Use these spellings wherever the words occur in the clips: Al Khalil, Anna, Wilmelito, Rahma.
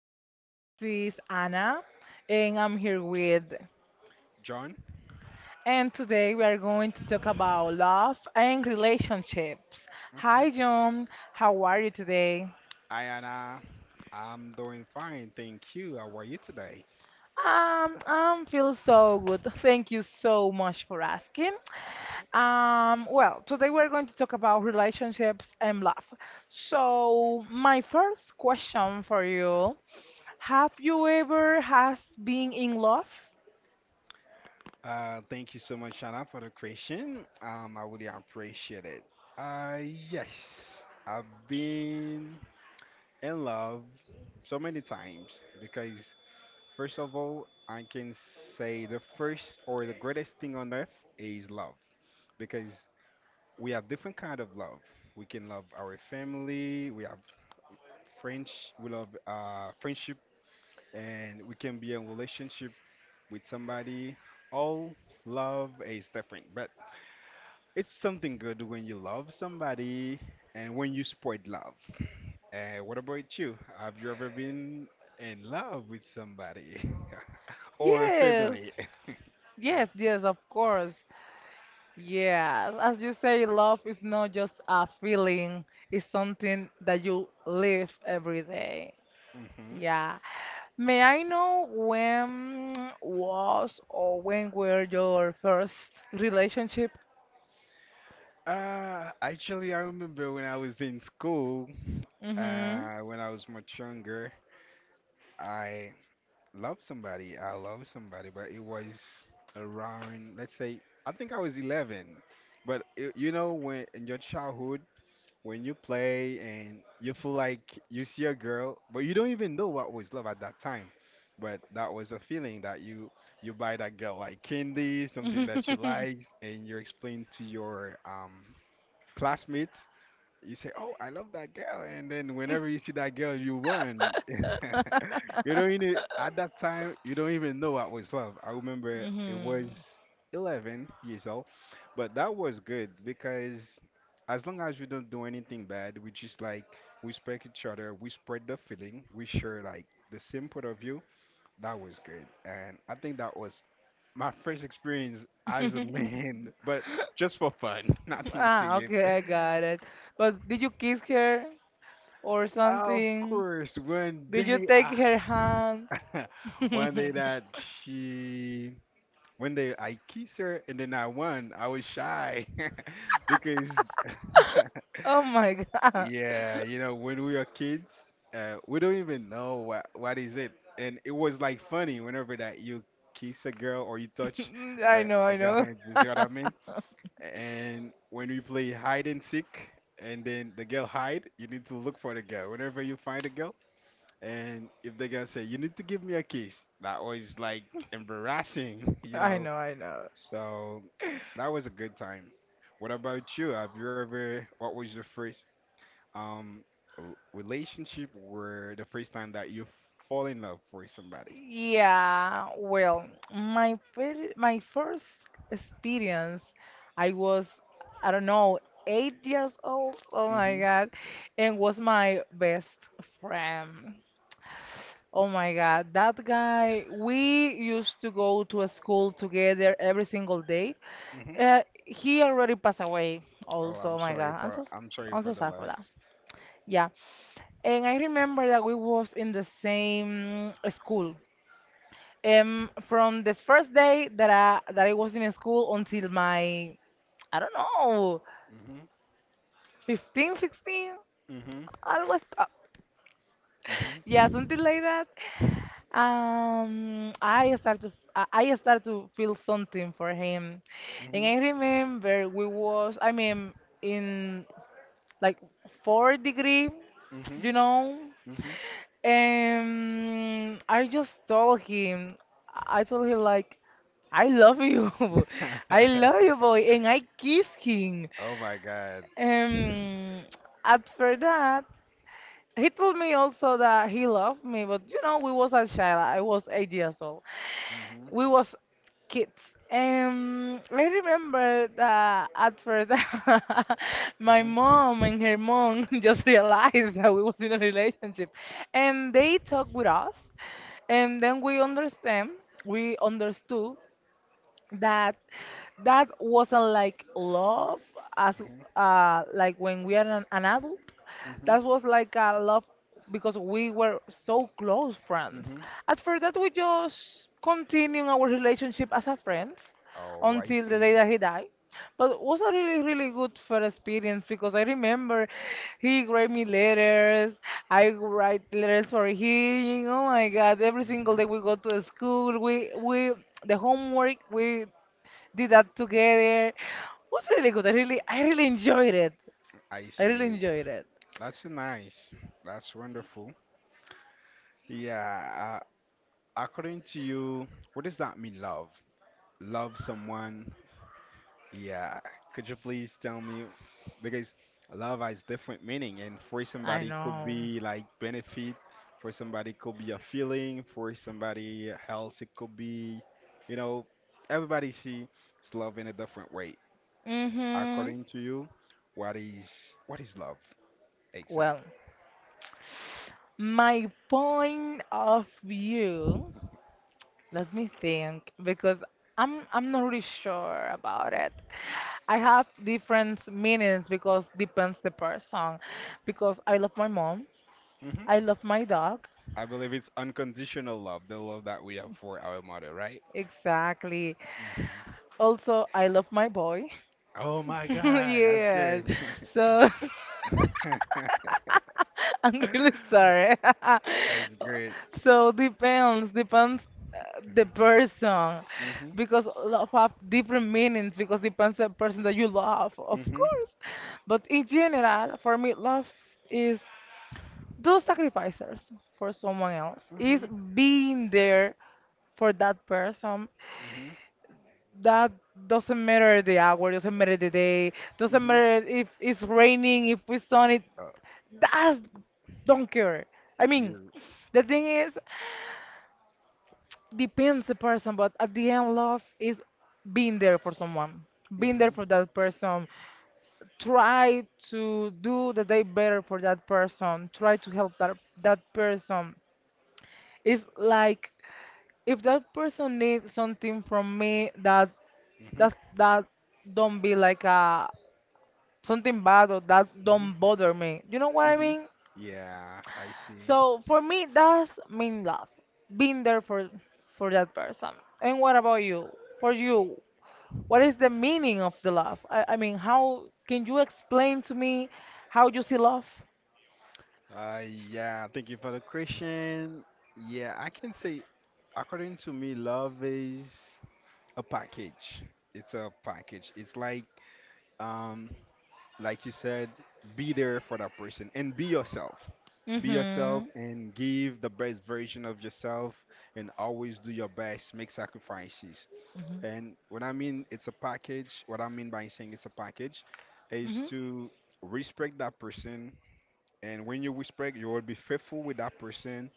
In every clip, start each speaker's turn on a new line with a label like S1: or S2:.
S1: podcast. This is Anna, and I'm here with.
S2: John?
S1: And today we are going to talk about love and relationships. Hi,
S2: Okay.
S1: John. How are you today?
S2: Hi, Anna. I'm doing fine. Thank you. How are you today?
S1: I feel so good. Thank you so much for asking. Today we're going to talk about relationships and love. So, my first question for you: Have you ever has been in love?
S2: Thank you so much, Anna, for the question. I really appreciate it. Uh, yes, I've been in love so many times because, first of all, I can say the first or the greatest thing on earth is love because we have different kind of love. We can love our family. We have French. We love friendship and we can be in relationship with somebody. All love is different, but it's something good when you love somebody and when you spread love. What about you? Have you ever been in love with somebody or
S1: Yes.
S2: family?
S1: Yes, yes, of course. Yeah, as you say, love is not just a feeling, it's something that you live every day.
S2: hmm
S1: Yeah. May I know when was or when were your first relationship?
S2: Actually, I remember when I was in school,
S1: Mm-hmm.
S2: when I was much younger, I love somebody. I love somebody, but it was around, let's say, I think I was 11. But you know, when in your childhood, when you play and you feel like you see a girl, but you don't even know what was love at that time. But that was a feeling that you buy that girl like candy, something that she likes, and you explain to your classmates. You say, "Oh, I love that girl," and then whenever you see that girl, you run. You don't even at that time you don't even know what was love. I remember it
S1: hmm
S2: was 11 years old, but that was good because as long as we don't do anything bad, we just like we respect each other, we spread the feeling, we share like the same point of view. That was good, and I think that was my first experience as a man, but just for fun, nothing
S1: Ah,
S2: serious.
S1: okay, I got it. But did you kiss her or
S2: Of
S1: something?
S2: course, one
S1: Did you
S2: day
S1: take her hand?
S2: I, one day that she, one day I kissed her and then I won. I was shy because,
S1: Oh my God.
S2: yeah, you know, when we are kids, we don't even know what is it, and it was like funny whenever that you kiss a girl or you touch
S1: I know,
S2: a
S1: I
S2: girl
S1: know.
S2: hand. You see what I mean? And when we play hide and seek, and then the girl hide, you need to look for the girl. Whenever you find a girl. And if they're gonna say, you need to give me a kiss, that was like embarrassing, you
S1: I
S2: know?
S1: know, I know.
S2: So that was a good time. What about you? Have you ever, what was your first um relationship where the first time that you fall in love for somebody?
S1: Yeah, well, my first experience, I was, I don't know, 8 years old. Oh my
S2: hmm
S1: God, and was my best friend. Oh my God, that guy, we used to go to a school together every single day.
S2: hmm
S1: He already passed away
S2: Oh,
S1: also. Oh my God,
S2: I'm sorry
S1: I'm
S2: for
S1: so
S2: the
S1: sad for that.
S2: loss.
S1: Yeah. And I remember that we was in the same school. From the first day that I was in school until my, I don't know,
S2: hmm
S1: 15, 16,
S2: hmm
S1: I was,
S2: hmm
S1: yeah, something like that. I start to feel something for him, and I
S2: hmm
S1: remember we was I mean in like four degree, you
S2: hmm
S1: know,
S2: hmm
S1: and I just told him I told him like I love you, I love you, boy, and I kiss him.
S2: Oh my God.
S1: Um, After that, he told me also that he loved me, but you know we was a child. I was 8 years old we
S2: hmm
S1: was kids. I remember that at first my mom
S2: hmm
S1: and her mom just realized that we was in a relationship, and they talked with us, and then we understand, we understood that that wasn't like love as
S2: Mm-hmm.
S1: like when we are an adult.
S2: Mm-hmm.
S1: That was like a love because we were so close friends.
S2: Mm-hmm.
S1: After that we just continued our relationship as a friends
S2: Oh, I
S1: until the day
S2: see.
S1: that he died, but it was a really really good for experience because I remember he write me letters, I write letters for him. Oh my God, every single day
S2: Mm-hmm.
S1: we go to the school, we the homework we did that together. Was really good. I really enjoyed it.
S2: I
S1: I really
S2: see.
S1: enjoyed it.
S2: That's nice. That's wonderful. Yeah. According to you, what does that mean, love? Love someone? Yeah. Could you please tell me? Because love has different meaning, and for
S1: I
S2: somebody could
S1: know.
S2: be like benefit, for somebody could be a feeling, for somebody else it could be, you know, everybody sees love in a different way.
S1: Mm-hmm.
S2: According to you, what is love
S1: Well,
S2: exactly?
S1: my point of view, let me think because I'm not really sure about it. I have different meanings because depends the person. Because I love my mom, I
S2: hmm
S1: love my dog,
S2: I believe it's unconditional love, the love that we have for our mother, right?
S1: exactly.
S2: Mhm.
S1: Also, I love my boy.
S2: Oh my God, that's
S1: Yes.
S2: great.
S1: So I'm really sorry.
S2: That's great.
S1: So depends, depends the person
S2: Mm-hmm.
S1: because love have different meanings because depends the person that you love, of
S2: Mm-hmm.
S1: course. But in general, for me, love is do sacrifices for someone else. Is
S2: Mm-hmm.
S1: being there for that person.
S2: Mm-hmm.
S1: That doesn't matter the hour, doesn't matter the day, doesn't
S2: Mm-hmm.
S1: matter if it's raining, if it's sunny.
S2: Uh,
S1: That's don't care. I mean,
S2: you.
S1: the thing is, depends the person, but at the end, love is being there for someone, being there
S2: Mm-hmm.
S1: for that person. Try to do the day better for that person. Try to help that person. It's like if that person needs something from me that
S2: Mm-hmm.
S1: that don't be like a something bad or that don't
S2: Mm-hmm.
S1: bother me. You know what I
S2: Mm-hmm.
S1: mean?
S2: Yeah, I see.
S1: So for me, that's mean love, being there for that person. And what about you? For you, what is the meaning of the love? I mean, how can you explain to me how you see love?
S2: Yeah, thank you for the question. Yeah, I can say, according to me, love is a package. It's a package. It's um, like you said, be there for that person and be yourself. Be yourself
S1: Mhm.
S2: and give the best version of yourself and always do your best. Make sacrifices.
S1: Mhm.
S2: And what I mean, it's a package. What I mean by saying it's a package is
S1: Mhm.
S2: to respect that person. And when you respect, you will be faithful with that person.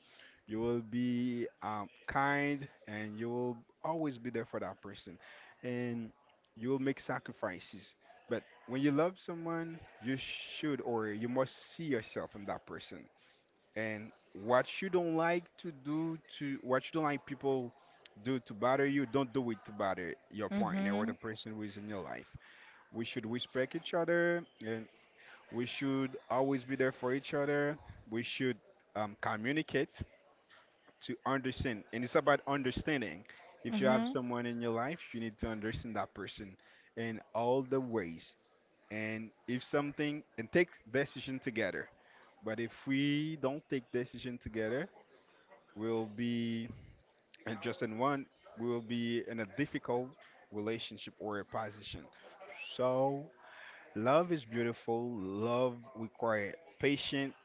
S2: You will be kind and you will always be there for that person. And you will make sacrifices. But when you love someone, you should or you must see yourself in that person. And what you don't like to do to what you don't like people do to bother you, don't do it to bother your partner or the
S1: Mhm.
S2: person who is in your life. We should respect each other and we should always be there for each other. We should communicate to understand, and it's about understanding. If you have
S1: Mhm.
S2: someone in your life, you need to understand that person in all the ways. And if something and take decision together, but if we don't take decision together, we'll be and just in one, we'll be in a difficult relationship or a position. So love is beautiful. Love require patience.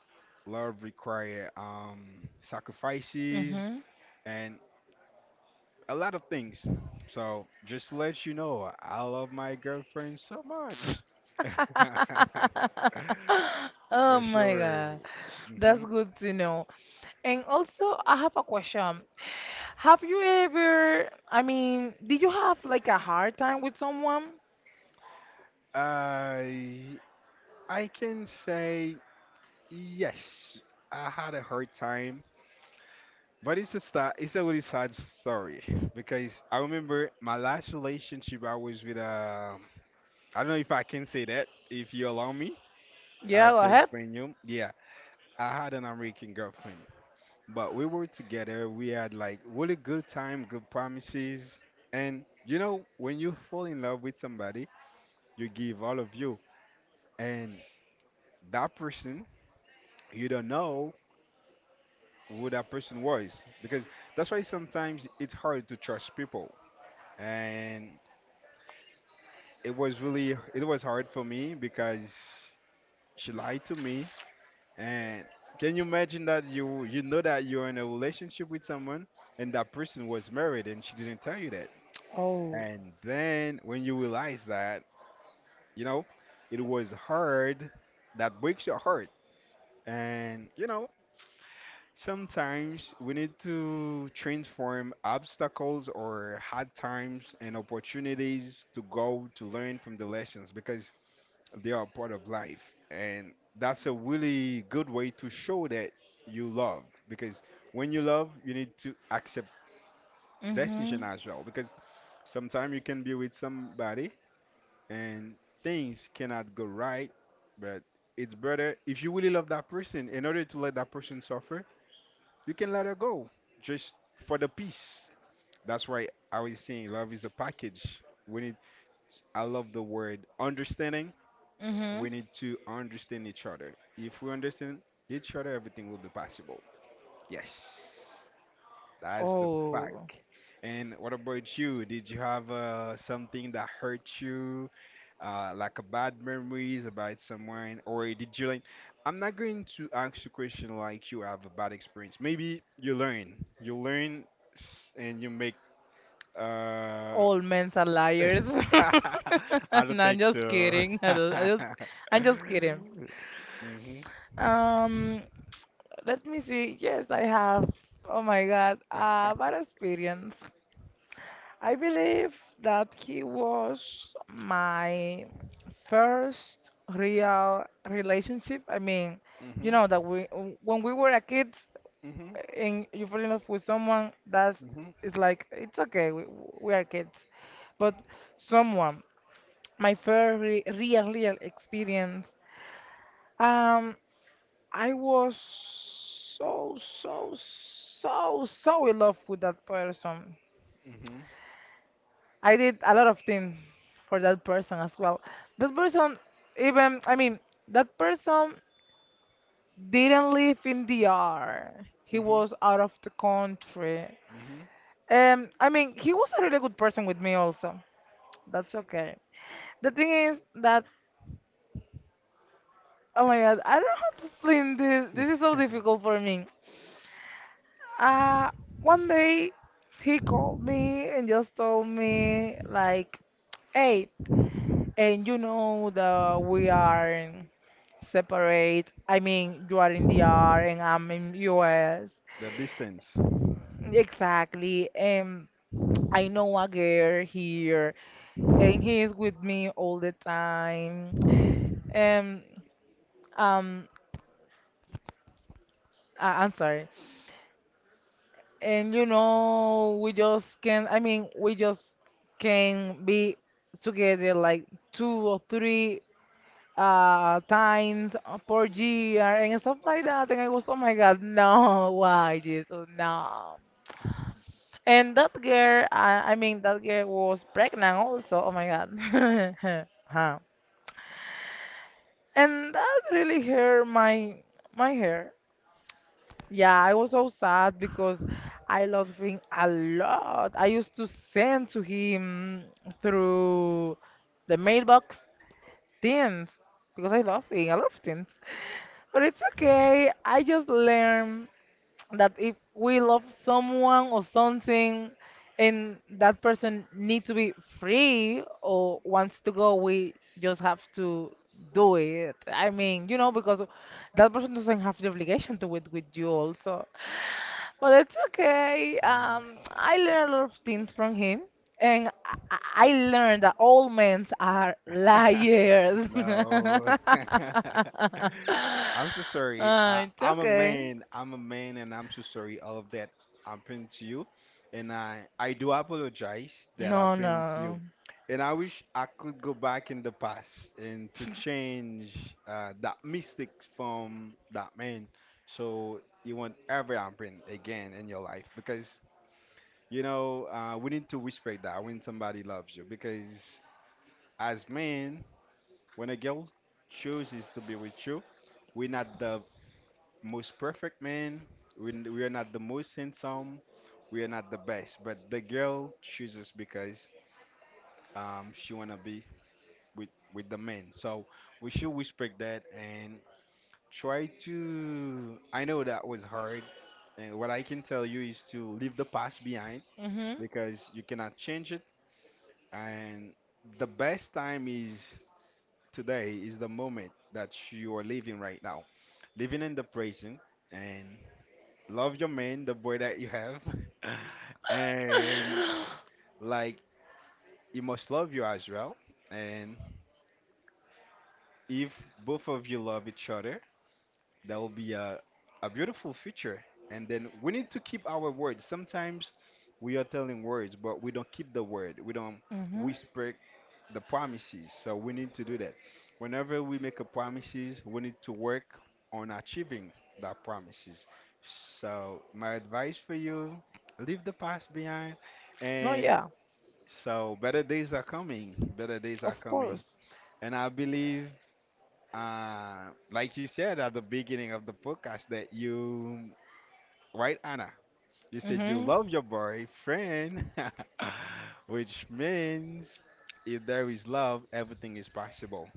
S2: Love require sacrifices
S1: Mhm.
S2: and a lot of things. So just to let you know, I love my girlfriend so much.
S1: Oh
S2: For
S1: my
S2: sure.
S1: God, that's
S2: hmm
S1: good to know. And also, I have a question. Have you ever, I mean, did you have like a hard time with someone?
S2: I I can say yes. I had a hard time, but it's a it's a really sad story because I remember my last relationship. I was with I don't know if I can say that. If you allow me
S1: Yeah, go
S2: to
S1: ahead.
S2: explain you. Yeah, I had an American girlfriend. But we were together. We had like really good time, good promises. And you know, when you fall in love with somebody, you give all of you. And that person, you don't know who that person was. Because that's why sometimes it's hard to trust people. And it was really, it was hard for me because she lied to me. And can you imagine that you know that you're in a relationship with someone and that person was married and she didn't tell you?
S1: Oh.
S2: And then when you realize that, you know, it was hard, that breaks your heart. And, you know, sometimes we need to transform obstacles or hard times and opportunities to go to learn from the lessons because they are part of life. And that's a really good way to show that you love because when you love, you need to accept
S1: Mm-hmm.
S2: decision as well because sometimes you can be with somebody and things cannot go right, but it's better if you really love that person, in order to let that person suffer, you can let her go just for the peace. That's why I was saying love is a package. We need, I love the word understanding.
S1: Mm-hmm.
S2: We need to understand each other. If we understand each other, everything will be possible. Yes, that's the
S1: Oh.
S2: fact. And what about you? Did you have something that hurt you? Like a bad memories about someone, or did you like? I'm not going to ask you question like you have a bad experience. Maybe you learn, and you make. Uh,
S1: All men are liars.
S2: I don't
S1: No, I'm
S2: think
S1: just
S2: so.
S1: kidding. I don't, I just, I'm just kidding.
S2: mhm,
S1: Um, let me see. Yes, I have. Oh my God. Bad experience. I believe that he was my first real relationship. I mean, you know
S2: mhm,
S1: that we when we were a kid
S2: mhm,
S1: and you fall in love with someone, that's
S2: mhm,
S1: it's like it's okay. We are kids, but someone, my first re real real experience. Um, I was so so so so in love with that person.
S2: mhm,
S1: I did a lot of things for that person as well. That person, even, I mean, that person didn't live in the R. He
S2: mhm,
S1: was out of the country.
S2: mhm.
S1: I mean, he was a really good person with me also. That's okay. The thing is that, oh my God, I don't know how to explain this. This is so difficult for me. Uh, One day he called me and just told me like, hey, and you know that we are separate. I mean, you are in DR and I'm in US.
S2: The distance.
S1: Exactly. And I know a girl here, and he's with me all the time. And um, I'm sorry. And you know, we just can. I mean, we just can be together like two or three times per year and stuff like that. And I was, oh my God, no, why Jesus, no. And that girl, I mean, that girl was pregnant also. Oh my God. Huh. And that really hurt my hair. Yeah, I was so sad because I loved him a lot. I used to send to him through the mailbox things because I love him. I love things. But it's okay. I just learned that if we love someone or something and that person need to be free or wants to go, we just have to do it. I mean, you know, because that person doesn't have the obligation to it with you also, but it's okay.
S2: Mm-hmm.
S1: I learned a lot of things from him, and I learned that all men are liars.
S2: No. I'm so sorry.
S1: Ah, it's
S2: I'm a
S1: okay.
S2: man. I'm a man, and I'm so sorry. All of that happened to you, and I do apologize that
S1: No,
S2: happened to
S1: no.
S2: you, and I wish I could go back in the past and to change that mistake from that man, so it won't ever happen again in your life. Because you know we need to respect that when somebody loves you, because as men when a girl chooses to be with you, we're not the most perfect man. We are not the most handsome. We are not the best. But the girl chooses because she wanna be with the man. So we should respect that and try to. I know that was hard, and what I can tell you is to leave the past behind
S1: Mhm.
S2: because you cannot change it. And the best time is today is the moment that you are living right now. Living in the present and love your man, the boy that you have. And like you must love you as well. And if both of you love each other, that will be a beautiful future. And then we need to keep our word. Sometimes we are telling words, but we don't keep the word. We don't
S1: Mhm.
S2: whisper the promises. So we need to do that. Whenever we make a promises, we need to work on achieving that promises. So my advice for you, leave the past behind
S1: No,
S2: and
S1: yeah.
S2: so better days are coming. Better days are
S1: Of
S2: coming.
S1: course.
S2: And I believe like you said at the beginning of the podcast that you right Anna you said you
S1: Mhm.
S2: love your boyfriend, which means if there is love, everything is possible.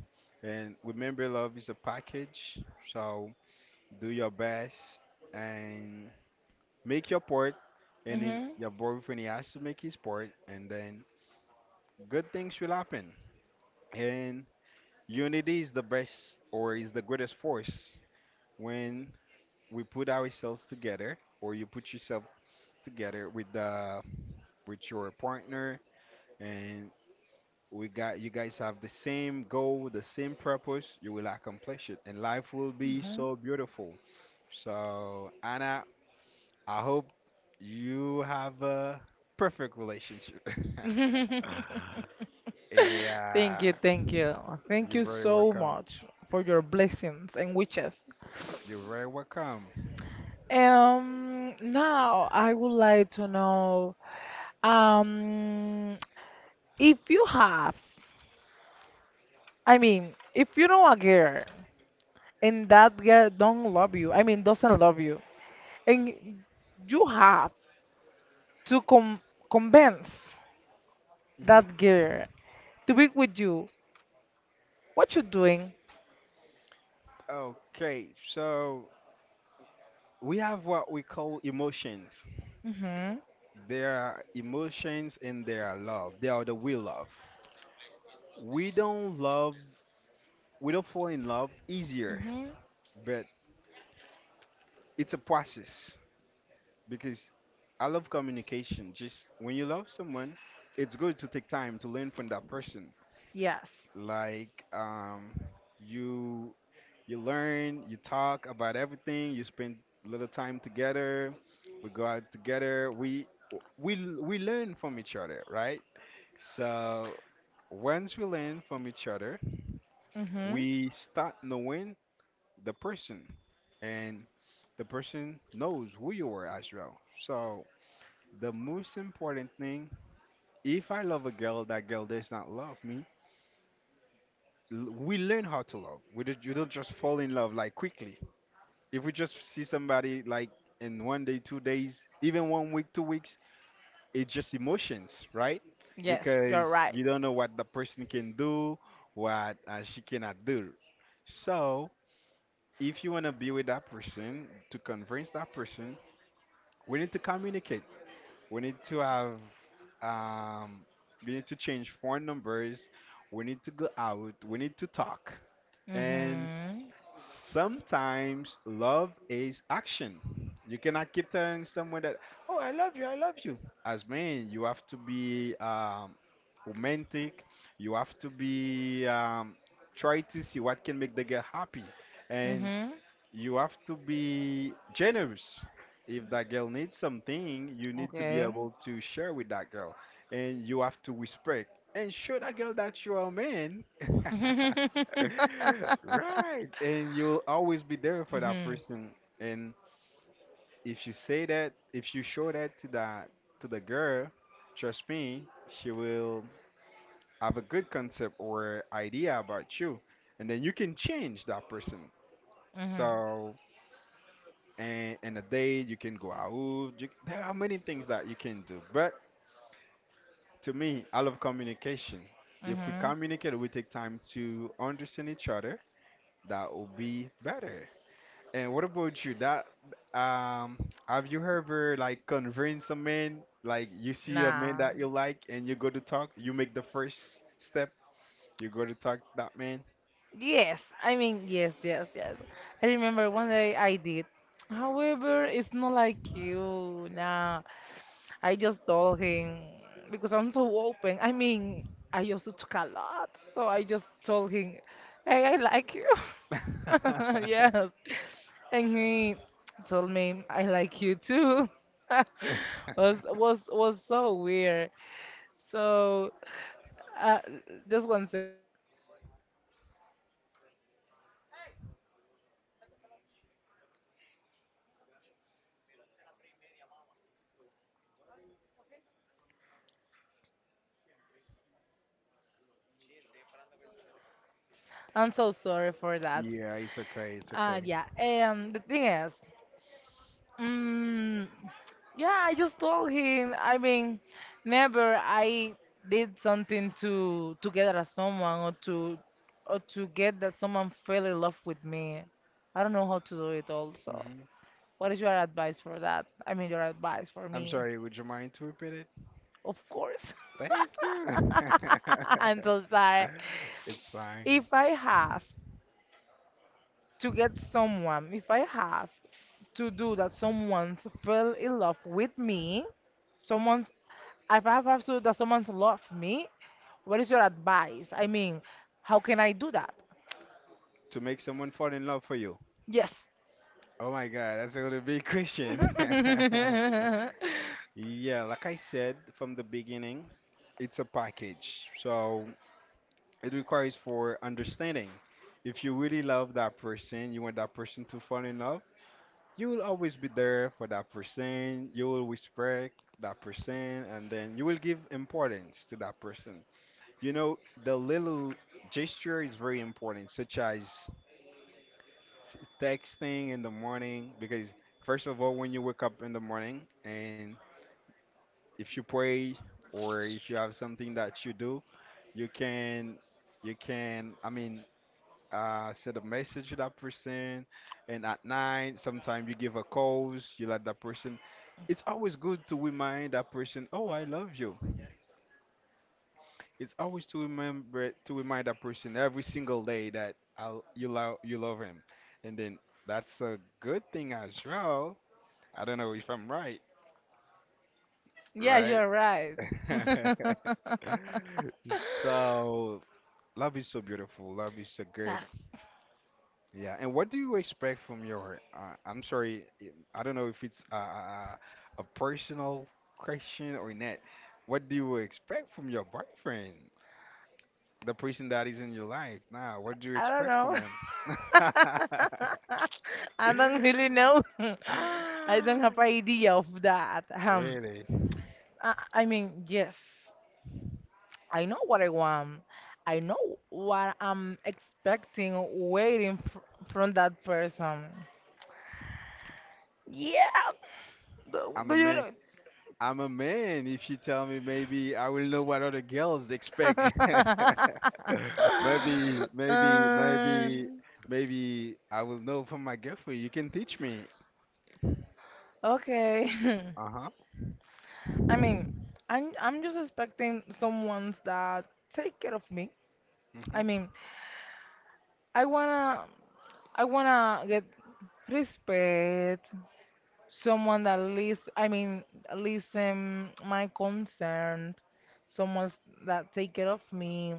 S2: And remember, love is a package. So do your best and make your part. And then
S1: Mhm.
S2: your boyfriend he has to make his part, and then good things will happen. And unity is the best or is the greatest force when we put ourselves together, or you put yourself together with the with your partner and we got you guys have the same goal, the same purpose, you will accomplish it, and life will be
S1: Mhm.
S2: so beautiful. So, Anna, I hope you have a perfect relationship.
S1: Thank
S2: Yeah,
S1: you, thank you. Thank
S2: you're
S1: you
S2: very
S1: so
S2: welcome.
S1: much for your blessings and wishes.
S2: You're very welcome.
S1: Now I would like to know, um, if you have, I mean, if you know a girl and that girl don't love you. I mean, doesn't love you, and you have to convince that
S2: hmm
S1: girl to be with you. What you doing?
S2: Okay, so we have what we call emotions.
S1: Mm-hmm.
S2: There are emotions and there are love. They are the we love. We don't love, we don't fall in love easier,
S1: Mm-hmm.
S2: but it's a process because I love communication. Just when you love someone, it's good to take time to learn from that person.
S1: Yes.
S2: Like you you learn, you talk about everything. You spend little time together. We go out together. We learn from each other, right? So once we learn from each other,
S1: Mm-hmm.
S2: we start knowing the person, and the person knows who you are as well. So the most important thing, if I love a girl, that girl does not love me. We learn how to love. We don't, you don't just fall in love like quickly. If we just see somebody like in 1 day, 2 days, even 1 week, 2 weeks, it's just emotions, right?
S1: Yes, you're
S2: Because
S1: right.
S2: you don't know what the person can do, what she cannot do. So if you want to be with that person, to convince that person, we need to communicate. We need to have, um, we need to change phone numbers. We need to go out. We need to talk. And
S1: Mm-hmm.
S2: sometimes love is action. You cannot keep telling someone that, oh, I love you, I love you. As men, you have to be romantic. You have to be try to see what can make the girl happy. And
S1: Mm-hmm.
S2: you have to be generous. If that girl needs something, you need to be
S1: Okay.
S2: able to share with that girl, and you have to respect and show that girl that you're a man. Right. And you'll always be there for that
S1: Mm-hmm.
S2: person. And if you say that, if you show that to the girl, trust me, she will have a good concept or idea about you. And then you can change that person.
S1: Mm-hmm.
S2: So and in a day you can go out. There are many things that you can do. But to me, I love communication. If we
S1: hmm
S2: communicate, we take time to understand each other. That will be better. And what about you? That um, have you ever like convinced a man? Like you see a man
S1: Nah.
S2: that you like, and you go to talk. You make the first step. You go to talk to that man.
S1: Yes, I mean, yes, yes, yes. I remember one day I did. However, it's not like you. Nah, I just told him because I'm so open. I mean, I used to talk a lot, so I just told him, "Hey, I like you." Yes. And he told me I like you too. Was so weird. So uh, just one second. I'm so sorry for that.
S2: Yeah, it's okay. It's okay.
S1: Yeah. The thing is, mm, yeah, I just told him. I mean, never I did something to get at someone or to get that someone fell in love with me. I don't know how to do it also.
S2: hmm
S1: What is your advice for that? I mean, your advice for
S2: I'm
S1: me.
S2: sorry. Would you mind to repeat it?
S1: Of course.
S2: Thank you.
S1: I'm so sorry.
S2: It's fine.
S1: If I have to get someone, if I have to do that someone to fell in love with me, someone's, if I have to do that someone's love me, what is your advice? I mean, how can I do that?
S2: To make someone fall in love for you.
S1: Yes.
S2: Oh my God, that's a big question. Yeah, like I said from the beginning, it's a package. So it requires for understanding. If you really love that person, you want that person to fall in love, you will always be there for that person. You will respect that person, and then you will give importance to that person. You know, the little gesture is very important, such as texting in the morning, because first of all, when you wake up in the morning, and if you pray or if you have something that you do, you can, you can, send a message to that person. And at night, sometimes you give a calls, you let that person. It's always good to remind that person, oh, I love you. It's always to remember to remind that person every single day that you love, you love him, and then that's a good thing as well. I don't know if I'm right,
S1: Yes,
S2: right?
S1: you're right.
S2: So love is so beautiful. Love is so good.
S1: Yes.
S2: Yeah. And what do you expect from your? I'm sorry, I don't know if it's a personal question or not. What do you expect from your boyfriend? The person that is in your life now. What do you
S1: I don't
S2: expect from
S1: know.
S2: him?
S1: I don't really know. I don't
S2: Ah,
S1: have idea of that.
S2: really?
S1: I mean, yes, I know what I want. I know what I'm expecting, waiting fr from that person. Yeah,
S2: I'm
S1: do
S2: a
S1: you
S2: man.
S1: know?
S2: I'm a man. If you tell me, maybe I will know what other girls expect. Maybe,
S1: um,
S2: maybe I will know from my girlfriend. You can teach me.
S1: okay.
S2: Uh huh.
S1: I mean, I'm just expecting someone that take care of me. I
S2: Mhm.
S1: mean, I wanna I wanna get respect, someone that listen my concern, someone that take care of me,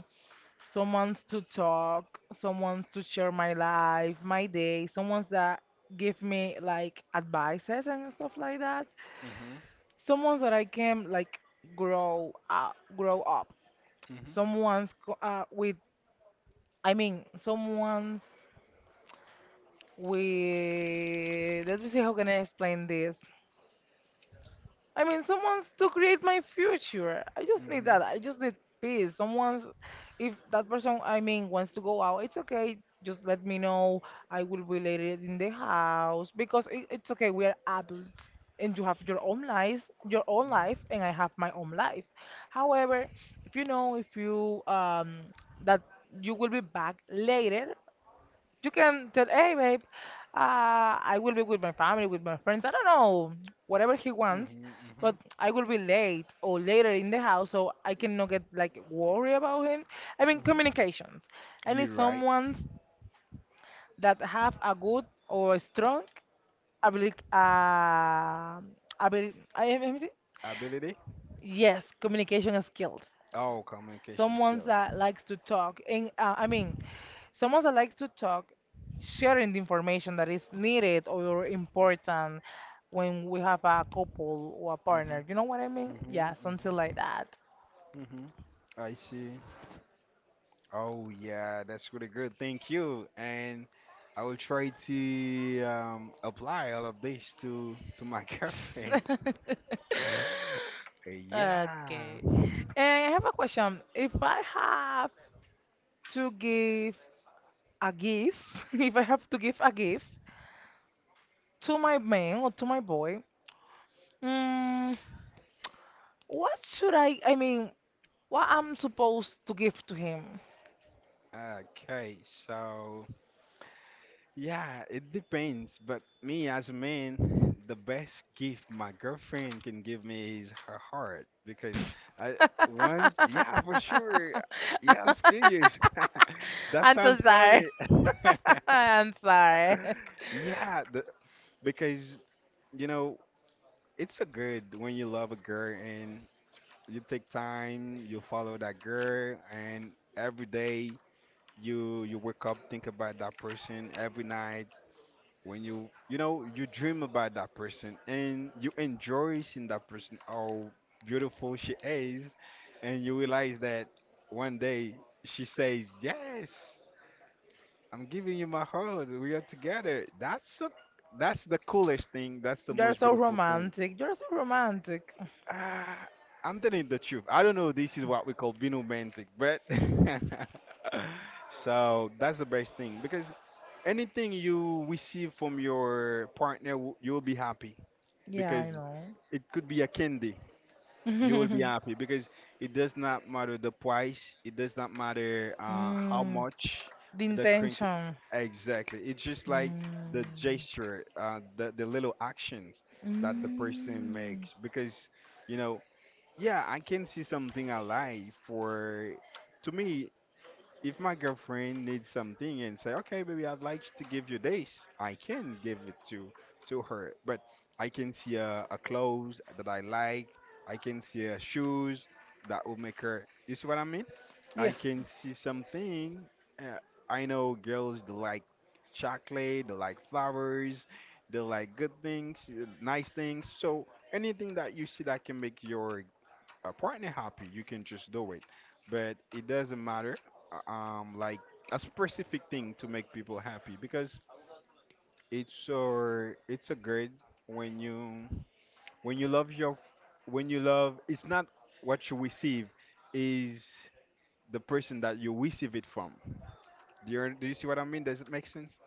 S1: someone's to talk, someone's to share my life, my day, someone's that give me like advices and stuff like that.
S2: Mhm.
S1: Someone's that I can like grow up.
S2: Mhm.
S1: Someone's co- with I mean someone's we let me see how can I explain this. I mean, someone's to create my future. I
S2: Mhm.
S1: just need that. I
S2: Mhm.
S1: just need peace. Someone's, if that person, I mean, wants to go out, it's okay. Just let me know. I will be later in the house because it's okay. We are adults, and you have your own life, and I have my own life. However, if you know, if you that you will be back later, you can tell, hey, babe, I will be with my family, with my friends. I don't know, whatever he wants,
S2: Mhm.
S1: but
S2: Mhm.
S1: I will be late or later in the house, so I cannot get like worry about him. I mean,
S2: Mhm.
S1: communications. I need
S2: You're right.
S1: someone that have a good or strong ability. Ability. I am.
S2: Ability.
S1: Yes, communication skills.
S2: Oh, communication
S1: Someone
S2: skills.
S1: that likes to talk, and someone that likes to talk, sharing the information that is needed or important when we have a couple or a partner. You know what I mean?
S2: Mhm, mhm,
S1: Yeah, something like
S2: mhm,
S1: that.
S2: mhm. I see. Oh yeah, that's really good. Thank you. And I will try to apply all of this to my girlfriend. Yeah.
S1: Okay. And I have a question. If I have to give a gift, if I have to give a gift to my man or to my boy, mm, what should I, what I'm supposed to give to him?
S2: Okay, so yeah, it depends. But me as a man, the best gift my girlfriend can give me is her heart because I once, yeah, for sure. Yeah, I'm serious. That
S1: I'm so
S2: sounds
S1: sorry.
S2: funny.
S1: I'm sorry.
S2: Yeah, the, because you know, it's a good when you love a girl and you take time, you follow that girl, and every day you wake up, think about that person, every night when you know, you dream about that person, and you enjoy seeing that person, how beautiful she is, and you realize that one day she says yes, I'm giving you my heart, we are together. That's so, that's the coolest thing, that's the
S1: You're
S2: most
S1: so
S2: beautiful thing.
S1: romantic. You're so romantic.
S2: Ah, I'm telling the truth, I don't know this is what we call being romantic, but so that's the best thing because anything you receive from your partner you'll be happy
S1: Yeah, I
S2: because it could be a candy. You will be
S1: know.
S2: happy because it does not matter the price. It does not matter how
S1: Mm,
S2: much
S1: the
S2: the crank.
S1: intention.
S2: Exactly. It's just like the
S1: Mm.
S2: gesture, the little actions that the person
S1: Mm.
S2: makes. Because you know, yeah, I can see something I like for. To me, if my girlfriend needs something and say, okay, baby, I'd like to give you this, I can give it to her. But I can see a clothes that I like. I can see a shoes that will make her. You see what I mean? I
S1: Yes,
S2: can see something. Uh, I know girls they like chocolate, they like flowers, they like good things, nice things. So anything that you see that can make your, a partner happy, you can just do it. But it doesn't matter, like a specific thing to make people happy because it's so, it's a good when you, when you love your when you love, it's not what you receive, is the person that you receive it from. Do you see what I mean? Does it make sense?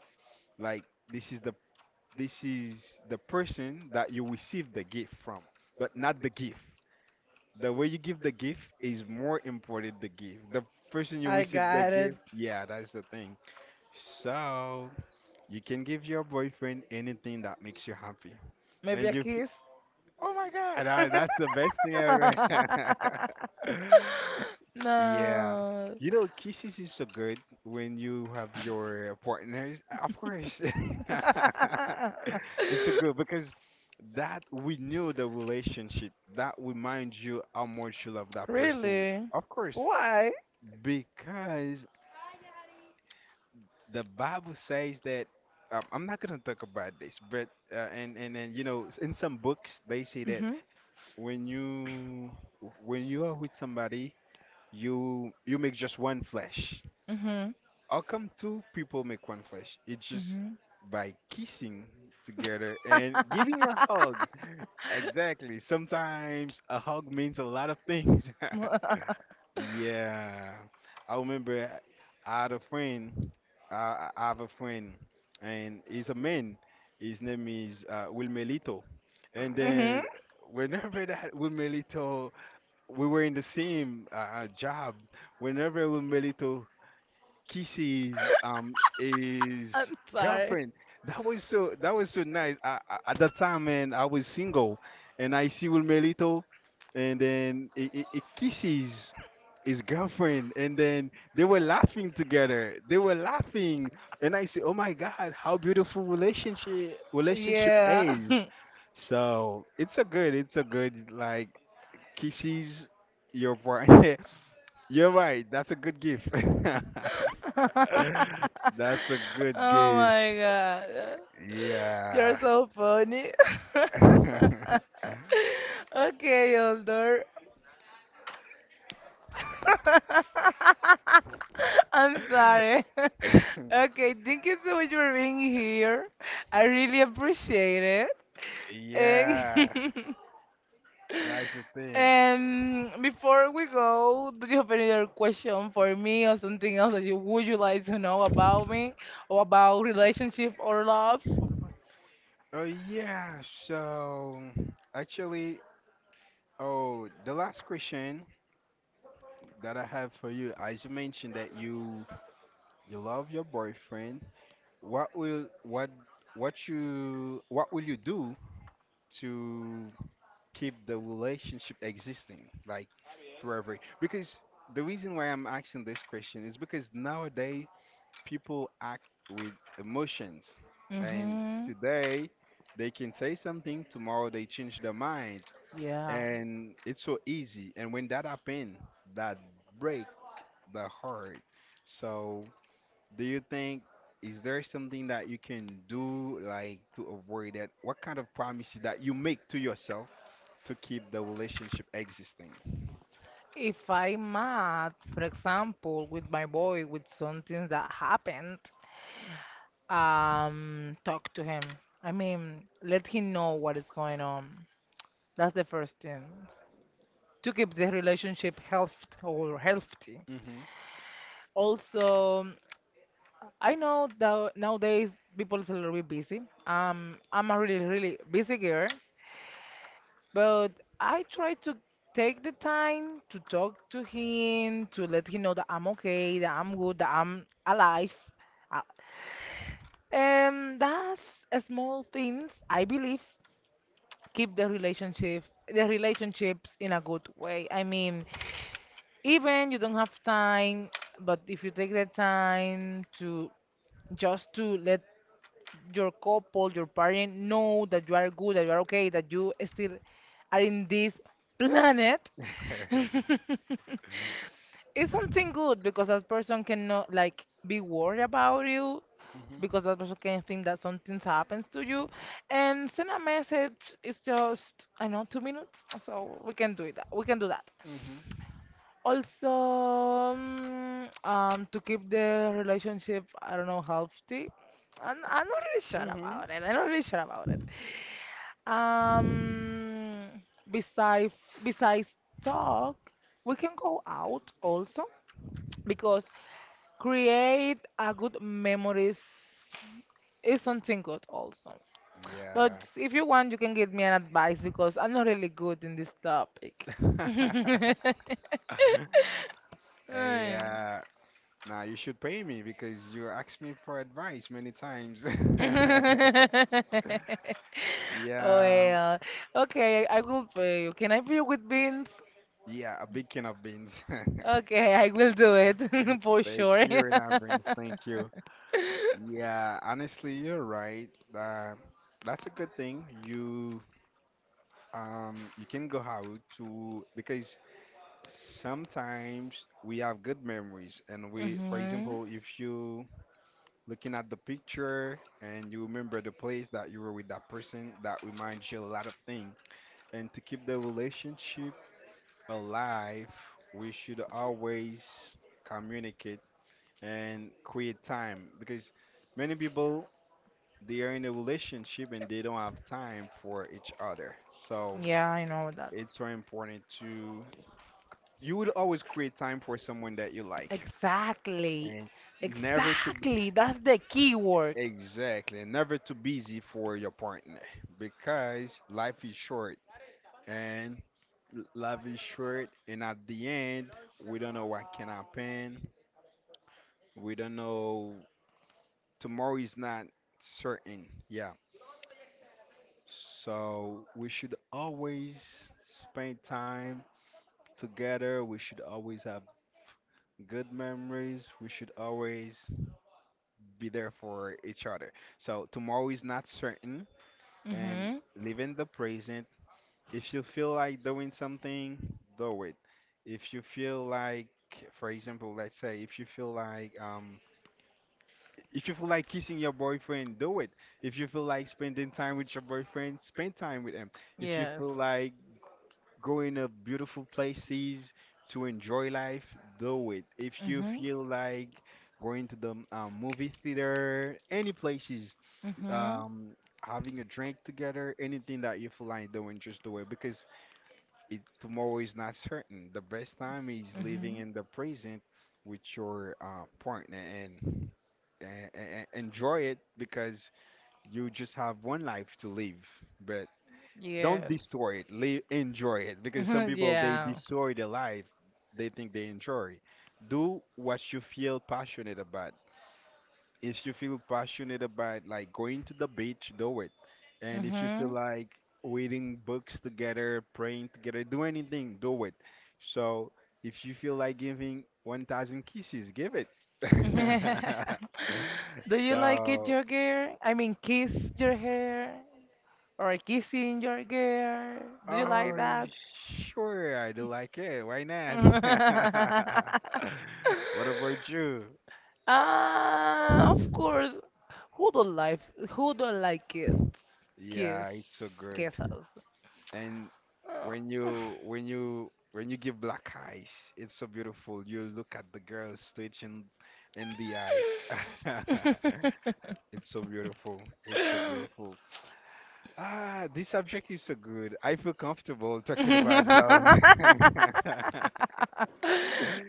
S2: Like this is the person that you receive the gift from, but not the gift. The way you give the gift is more important the gift. The person you
S1: I
S2: receive the
S1: got it.
S2: gift, yeah, that's the thing. So you can give your boyfriend anything that makes you happy,
S1: Maybe a
S2: and
S1: kiss.
S2: oh my God, I, that's the best thing ever. Yeah.
S1: No.
S2: You know, kisses is so good when you have your partners. Of course. It's so good because that we knew the relationship. That reminds you how much you love that person.
S1: Really?
S2: Of course.
S1: Why?
S2: Because the Bible says that I'm not gonna talk about this, but and you know, in some books they say that
S1: Mhm.
S2: when you when you are with somebody, you make just one flesh.
S1: Mhm.
S2: How come two people make one flesh? It's just
S1: Mhm.
S2: by kissing together and giving a hug. Exactly. Sometimes a hug means a lot of things. Yeah, I remember I had a friend. I have a friend, and he's a man. His name is Wilmelito. And
S1: Mhm.
S2: then whenever that Wilmelito, we were in the same job. Whenever Wilmelito kisses his
S1: I'm sorry.
S2: girlfriend. That was so, that was so nice. At that time, man, I was single, and I see Wilmerito, and then he kisses his girlfriend, and then they were laughing together. They were laughing, and I say, "Oh my God, how beautiful relationship
S1: Yeah.
S2: is." So it's a good like kisses your partner. You're right. That's a good gift. That's a good
S1: Oh
S2: gift.
S1: my God. You're
S2: Yeah.
S1: so funny. Okay, Oldor. I'm sorry. Okay, thank you so much for being here. I really appreciate it.
S2: Yeah,
S1: And
S2: that's the thing.
S1: and before we go, do you have any other question for me or something else that you would you like to know about me or about relationship or love?
S2: Oh yeah, so actually, oh, the last question that I have for you, as you mentioned that you love your boyfriend, what will what what you, what will you do to keep the relationship existing like forever, because the reason why I'm asking this question is because nowadays people act with emotions, and
S1: Mm-hmm.
S2: today they can say something, tomorrow they change their mind,
S1: Yeah.
S2: and it's so easy, and when that happens, that break the heart. So do you think, is there something that you can do like to avoid that, what kind of promises that you make to yourself to keep the relationship existing?
S1: If I'm mad, for example, with my boy, with something that happened, talk to him. I mean, let him know what is going on. That's the first thing to keep the relationship healthy or healthy.
S2: Mhm.
S1: Also, I know that nowadays people is a little bit busy. I'm a really, really busy girl, but I try to take the time to talk to him, to let him know that I'm okay, that I'm good, that I'm alive. Uh, And that's a small things, I believe, keep the relationship, the relationships in a good way. I mean, even you don't have time, but if you take the time to just to let your couple, your parent know that you are good, that you are okay, that you still are in this planet,
S2: Mhm.
S1: it's something good because that person cannot like be worried about you because that person can think that something happens to you and send a message is just I know 2 minutes so we can do it we can do that
S2: Mhm.
S1: also, to keep the relationship, I don't know, healthy. I'm not really sure
S2: Mhm.
S1: about it. I'm not really sure about it. Um, besides, besides talk, we can go out also because create a good memories is something good also. But
S2: Yeah.
S1: if you want, you can give me an advice because I'm not really good in this topic. Ay.
S2: Yeah. Now you should pay me because you asked me for advice many times. Yeah.
S1: Well, okay, I will pay you. Can I pay you with beans?
S2: Yeah, a big can of beans.
S1: Okay, I will do it for
S2: Thank
S1: sure.
S2: you in advance. Thank you. Yeah, honestly, you're right. That's a good thing. You you can go out to because sometimes we have good memories, and we, for
S1: Hmm.
S2: example, if you looking at the picture and you remember the place that you were with that person, that reminds you a lot of things. And to keep the relationship alive, we should always communicate and create time because many people they are in a relationship and they don't have time for each other. So
S1: Yeah, I know that.
S2: it's very important to you will always create time for someone that you like
S1: Exactly.
S2: and never to
S1: Exactly. That's the key word.
S2: exactly never too busy for your partner because life is short and life is short, and at the end we don't know what can happen. We don't know, tomorrow is not certain, yeah. So we should always spend time together, we should always have good memories, we should always be there for each other. So tomorrow is not certain, and
S1: Mm-hmm.
S2: live in the present. If you feel like doing something, do it. If you feel like, for example, let's say, if you feel like, if you feel like kissing your boyfriend, do it. If you feel like spending time with your boyfriend, spend time with him. If you
S1: Yes.
S2: feel like going to beautiful places to enjoy life, do it. If you
S1: Mm-hmm.
S2: feel like going to the movie theater, any places,
S1: Mm-hmm.
S2: um, having a drink together, anything that you feel like doing, just do it because it, tomorrow is not certain. The best time is living
S1: Mm-hmm.
S2: in the present with your partner and enjoy it because you just have one life to live. But don't
S1: Yes.
S2: destroy it. Live, enjoy it because some people they
S1: Yeah.
S2: destroy their life. They think they enjoy. Do what you feel passionate about if you feel passionate about like going to the beach, do it. And if you feel
S1: Mm-hmm.
S2: like reading books together, praying together, do anything, do it. So if you feel like giving 1,000 kisses, give it.
S1: Do you like it
S2: So,
S1: your girl? I mean, kiss your hair or kissing your girl? Do you like
S2: oh,
S1: that?
S2: sure, I do like it. Why not? What about you?
S1: Ah, of course. Who don't like who don't like kids? Kiss,
S2: Yeah, it's so good.
S1: kisses.
S2: And
S1: Ah.
S2: When you give black eyes, it's so beautiful. You look at the girls stitching in the eyes. It's so beautiful. It's so beautiful. Ah, this subject is so good. I feel comfortable talking about love.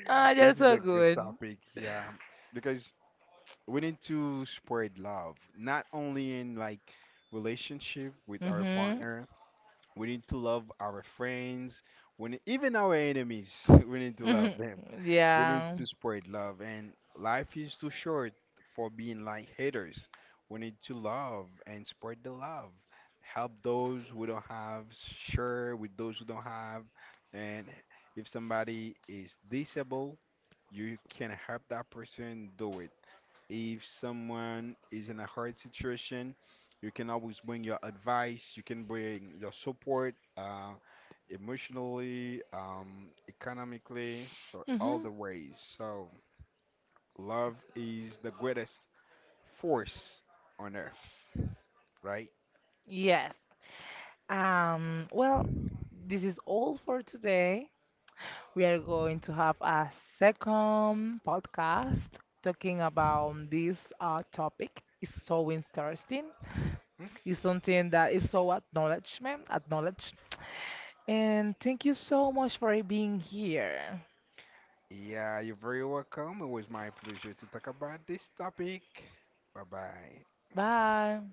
S1: Ah, you're
S2: This is
S1: so
S2: a good
S1: good.
S2: topic, yeah, because we need to spread love, not only in like relationship with our
S1: Mm-hmm.
S2: partner. We need to love our friends. We need, even our enemies. We need to
S1: Mm-hmm.
S2: love them. We need
S1: Yeah.
S2: to spread love. And life is too short for being like haters. We need to love and spread the love. Help those who don't have. Share with those who don't have. And if somebody is disabled, you can help that person do it. If someone is in a hard situation, you can always bring your advice, you can bring your support, emotionally, economically, so all
S1: Mm-hmm.
S2: the ways. So love is the greatest force on earth, right?
S1: Yes. Um, well, this is all for today. We are going to have a second podcast talking about this topic. It's so interesting.
S2: Okay.
S1: It's something that is so acknowledgement, acknowledged. And thank you so much for being here.
S2: Yeah, you're very welcome. It was my pleasure to talk about this topic. Bye bye.
S1: Bye.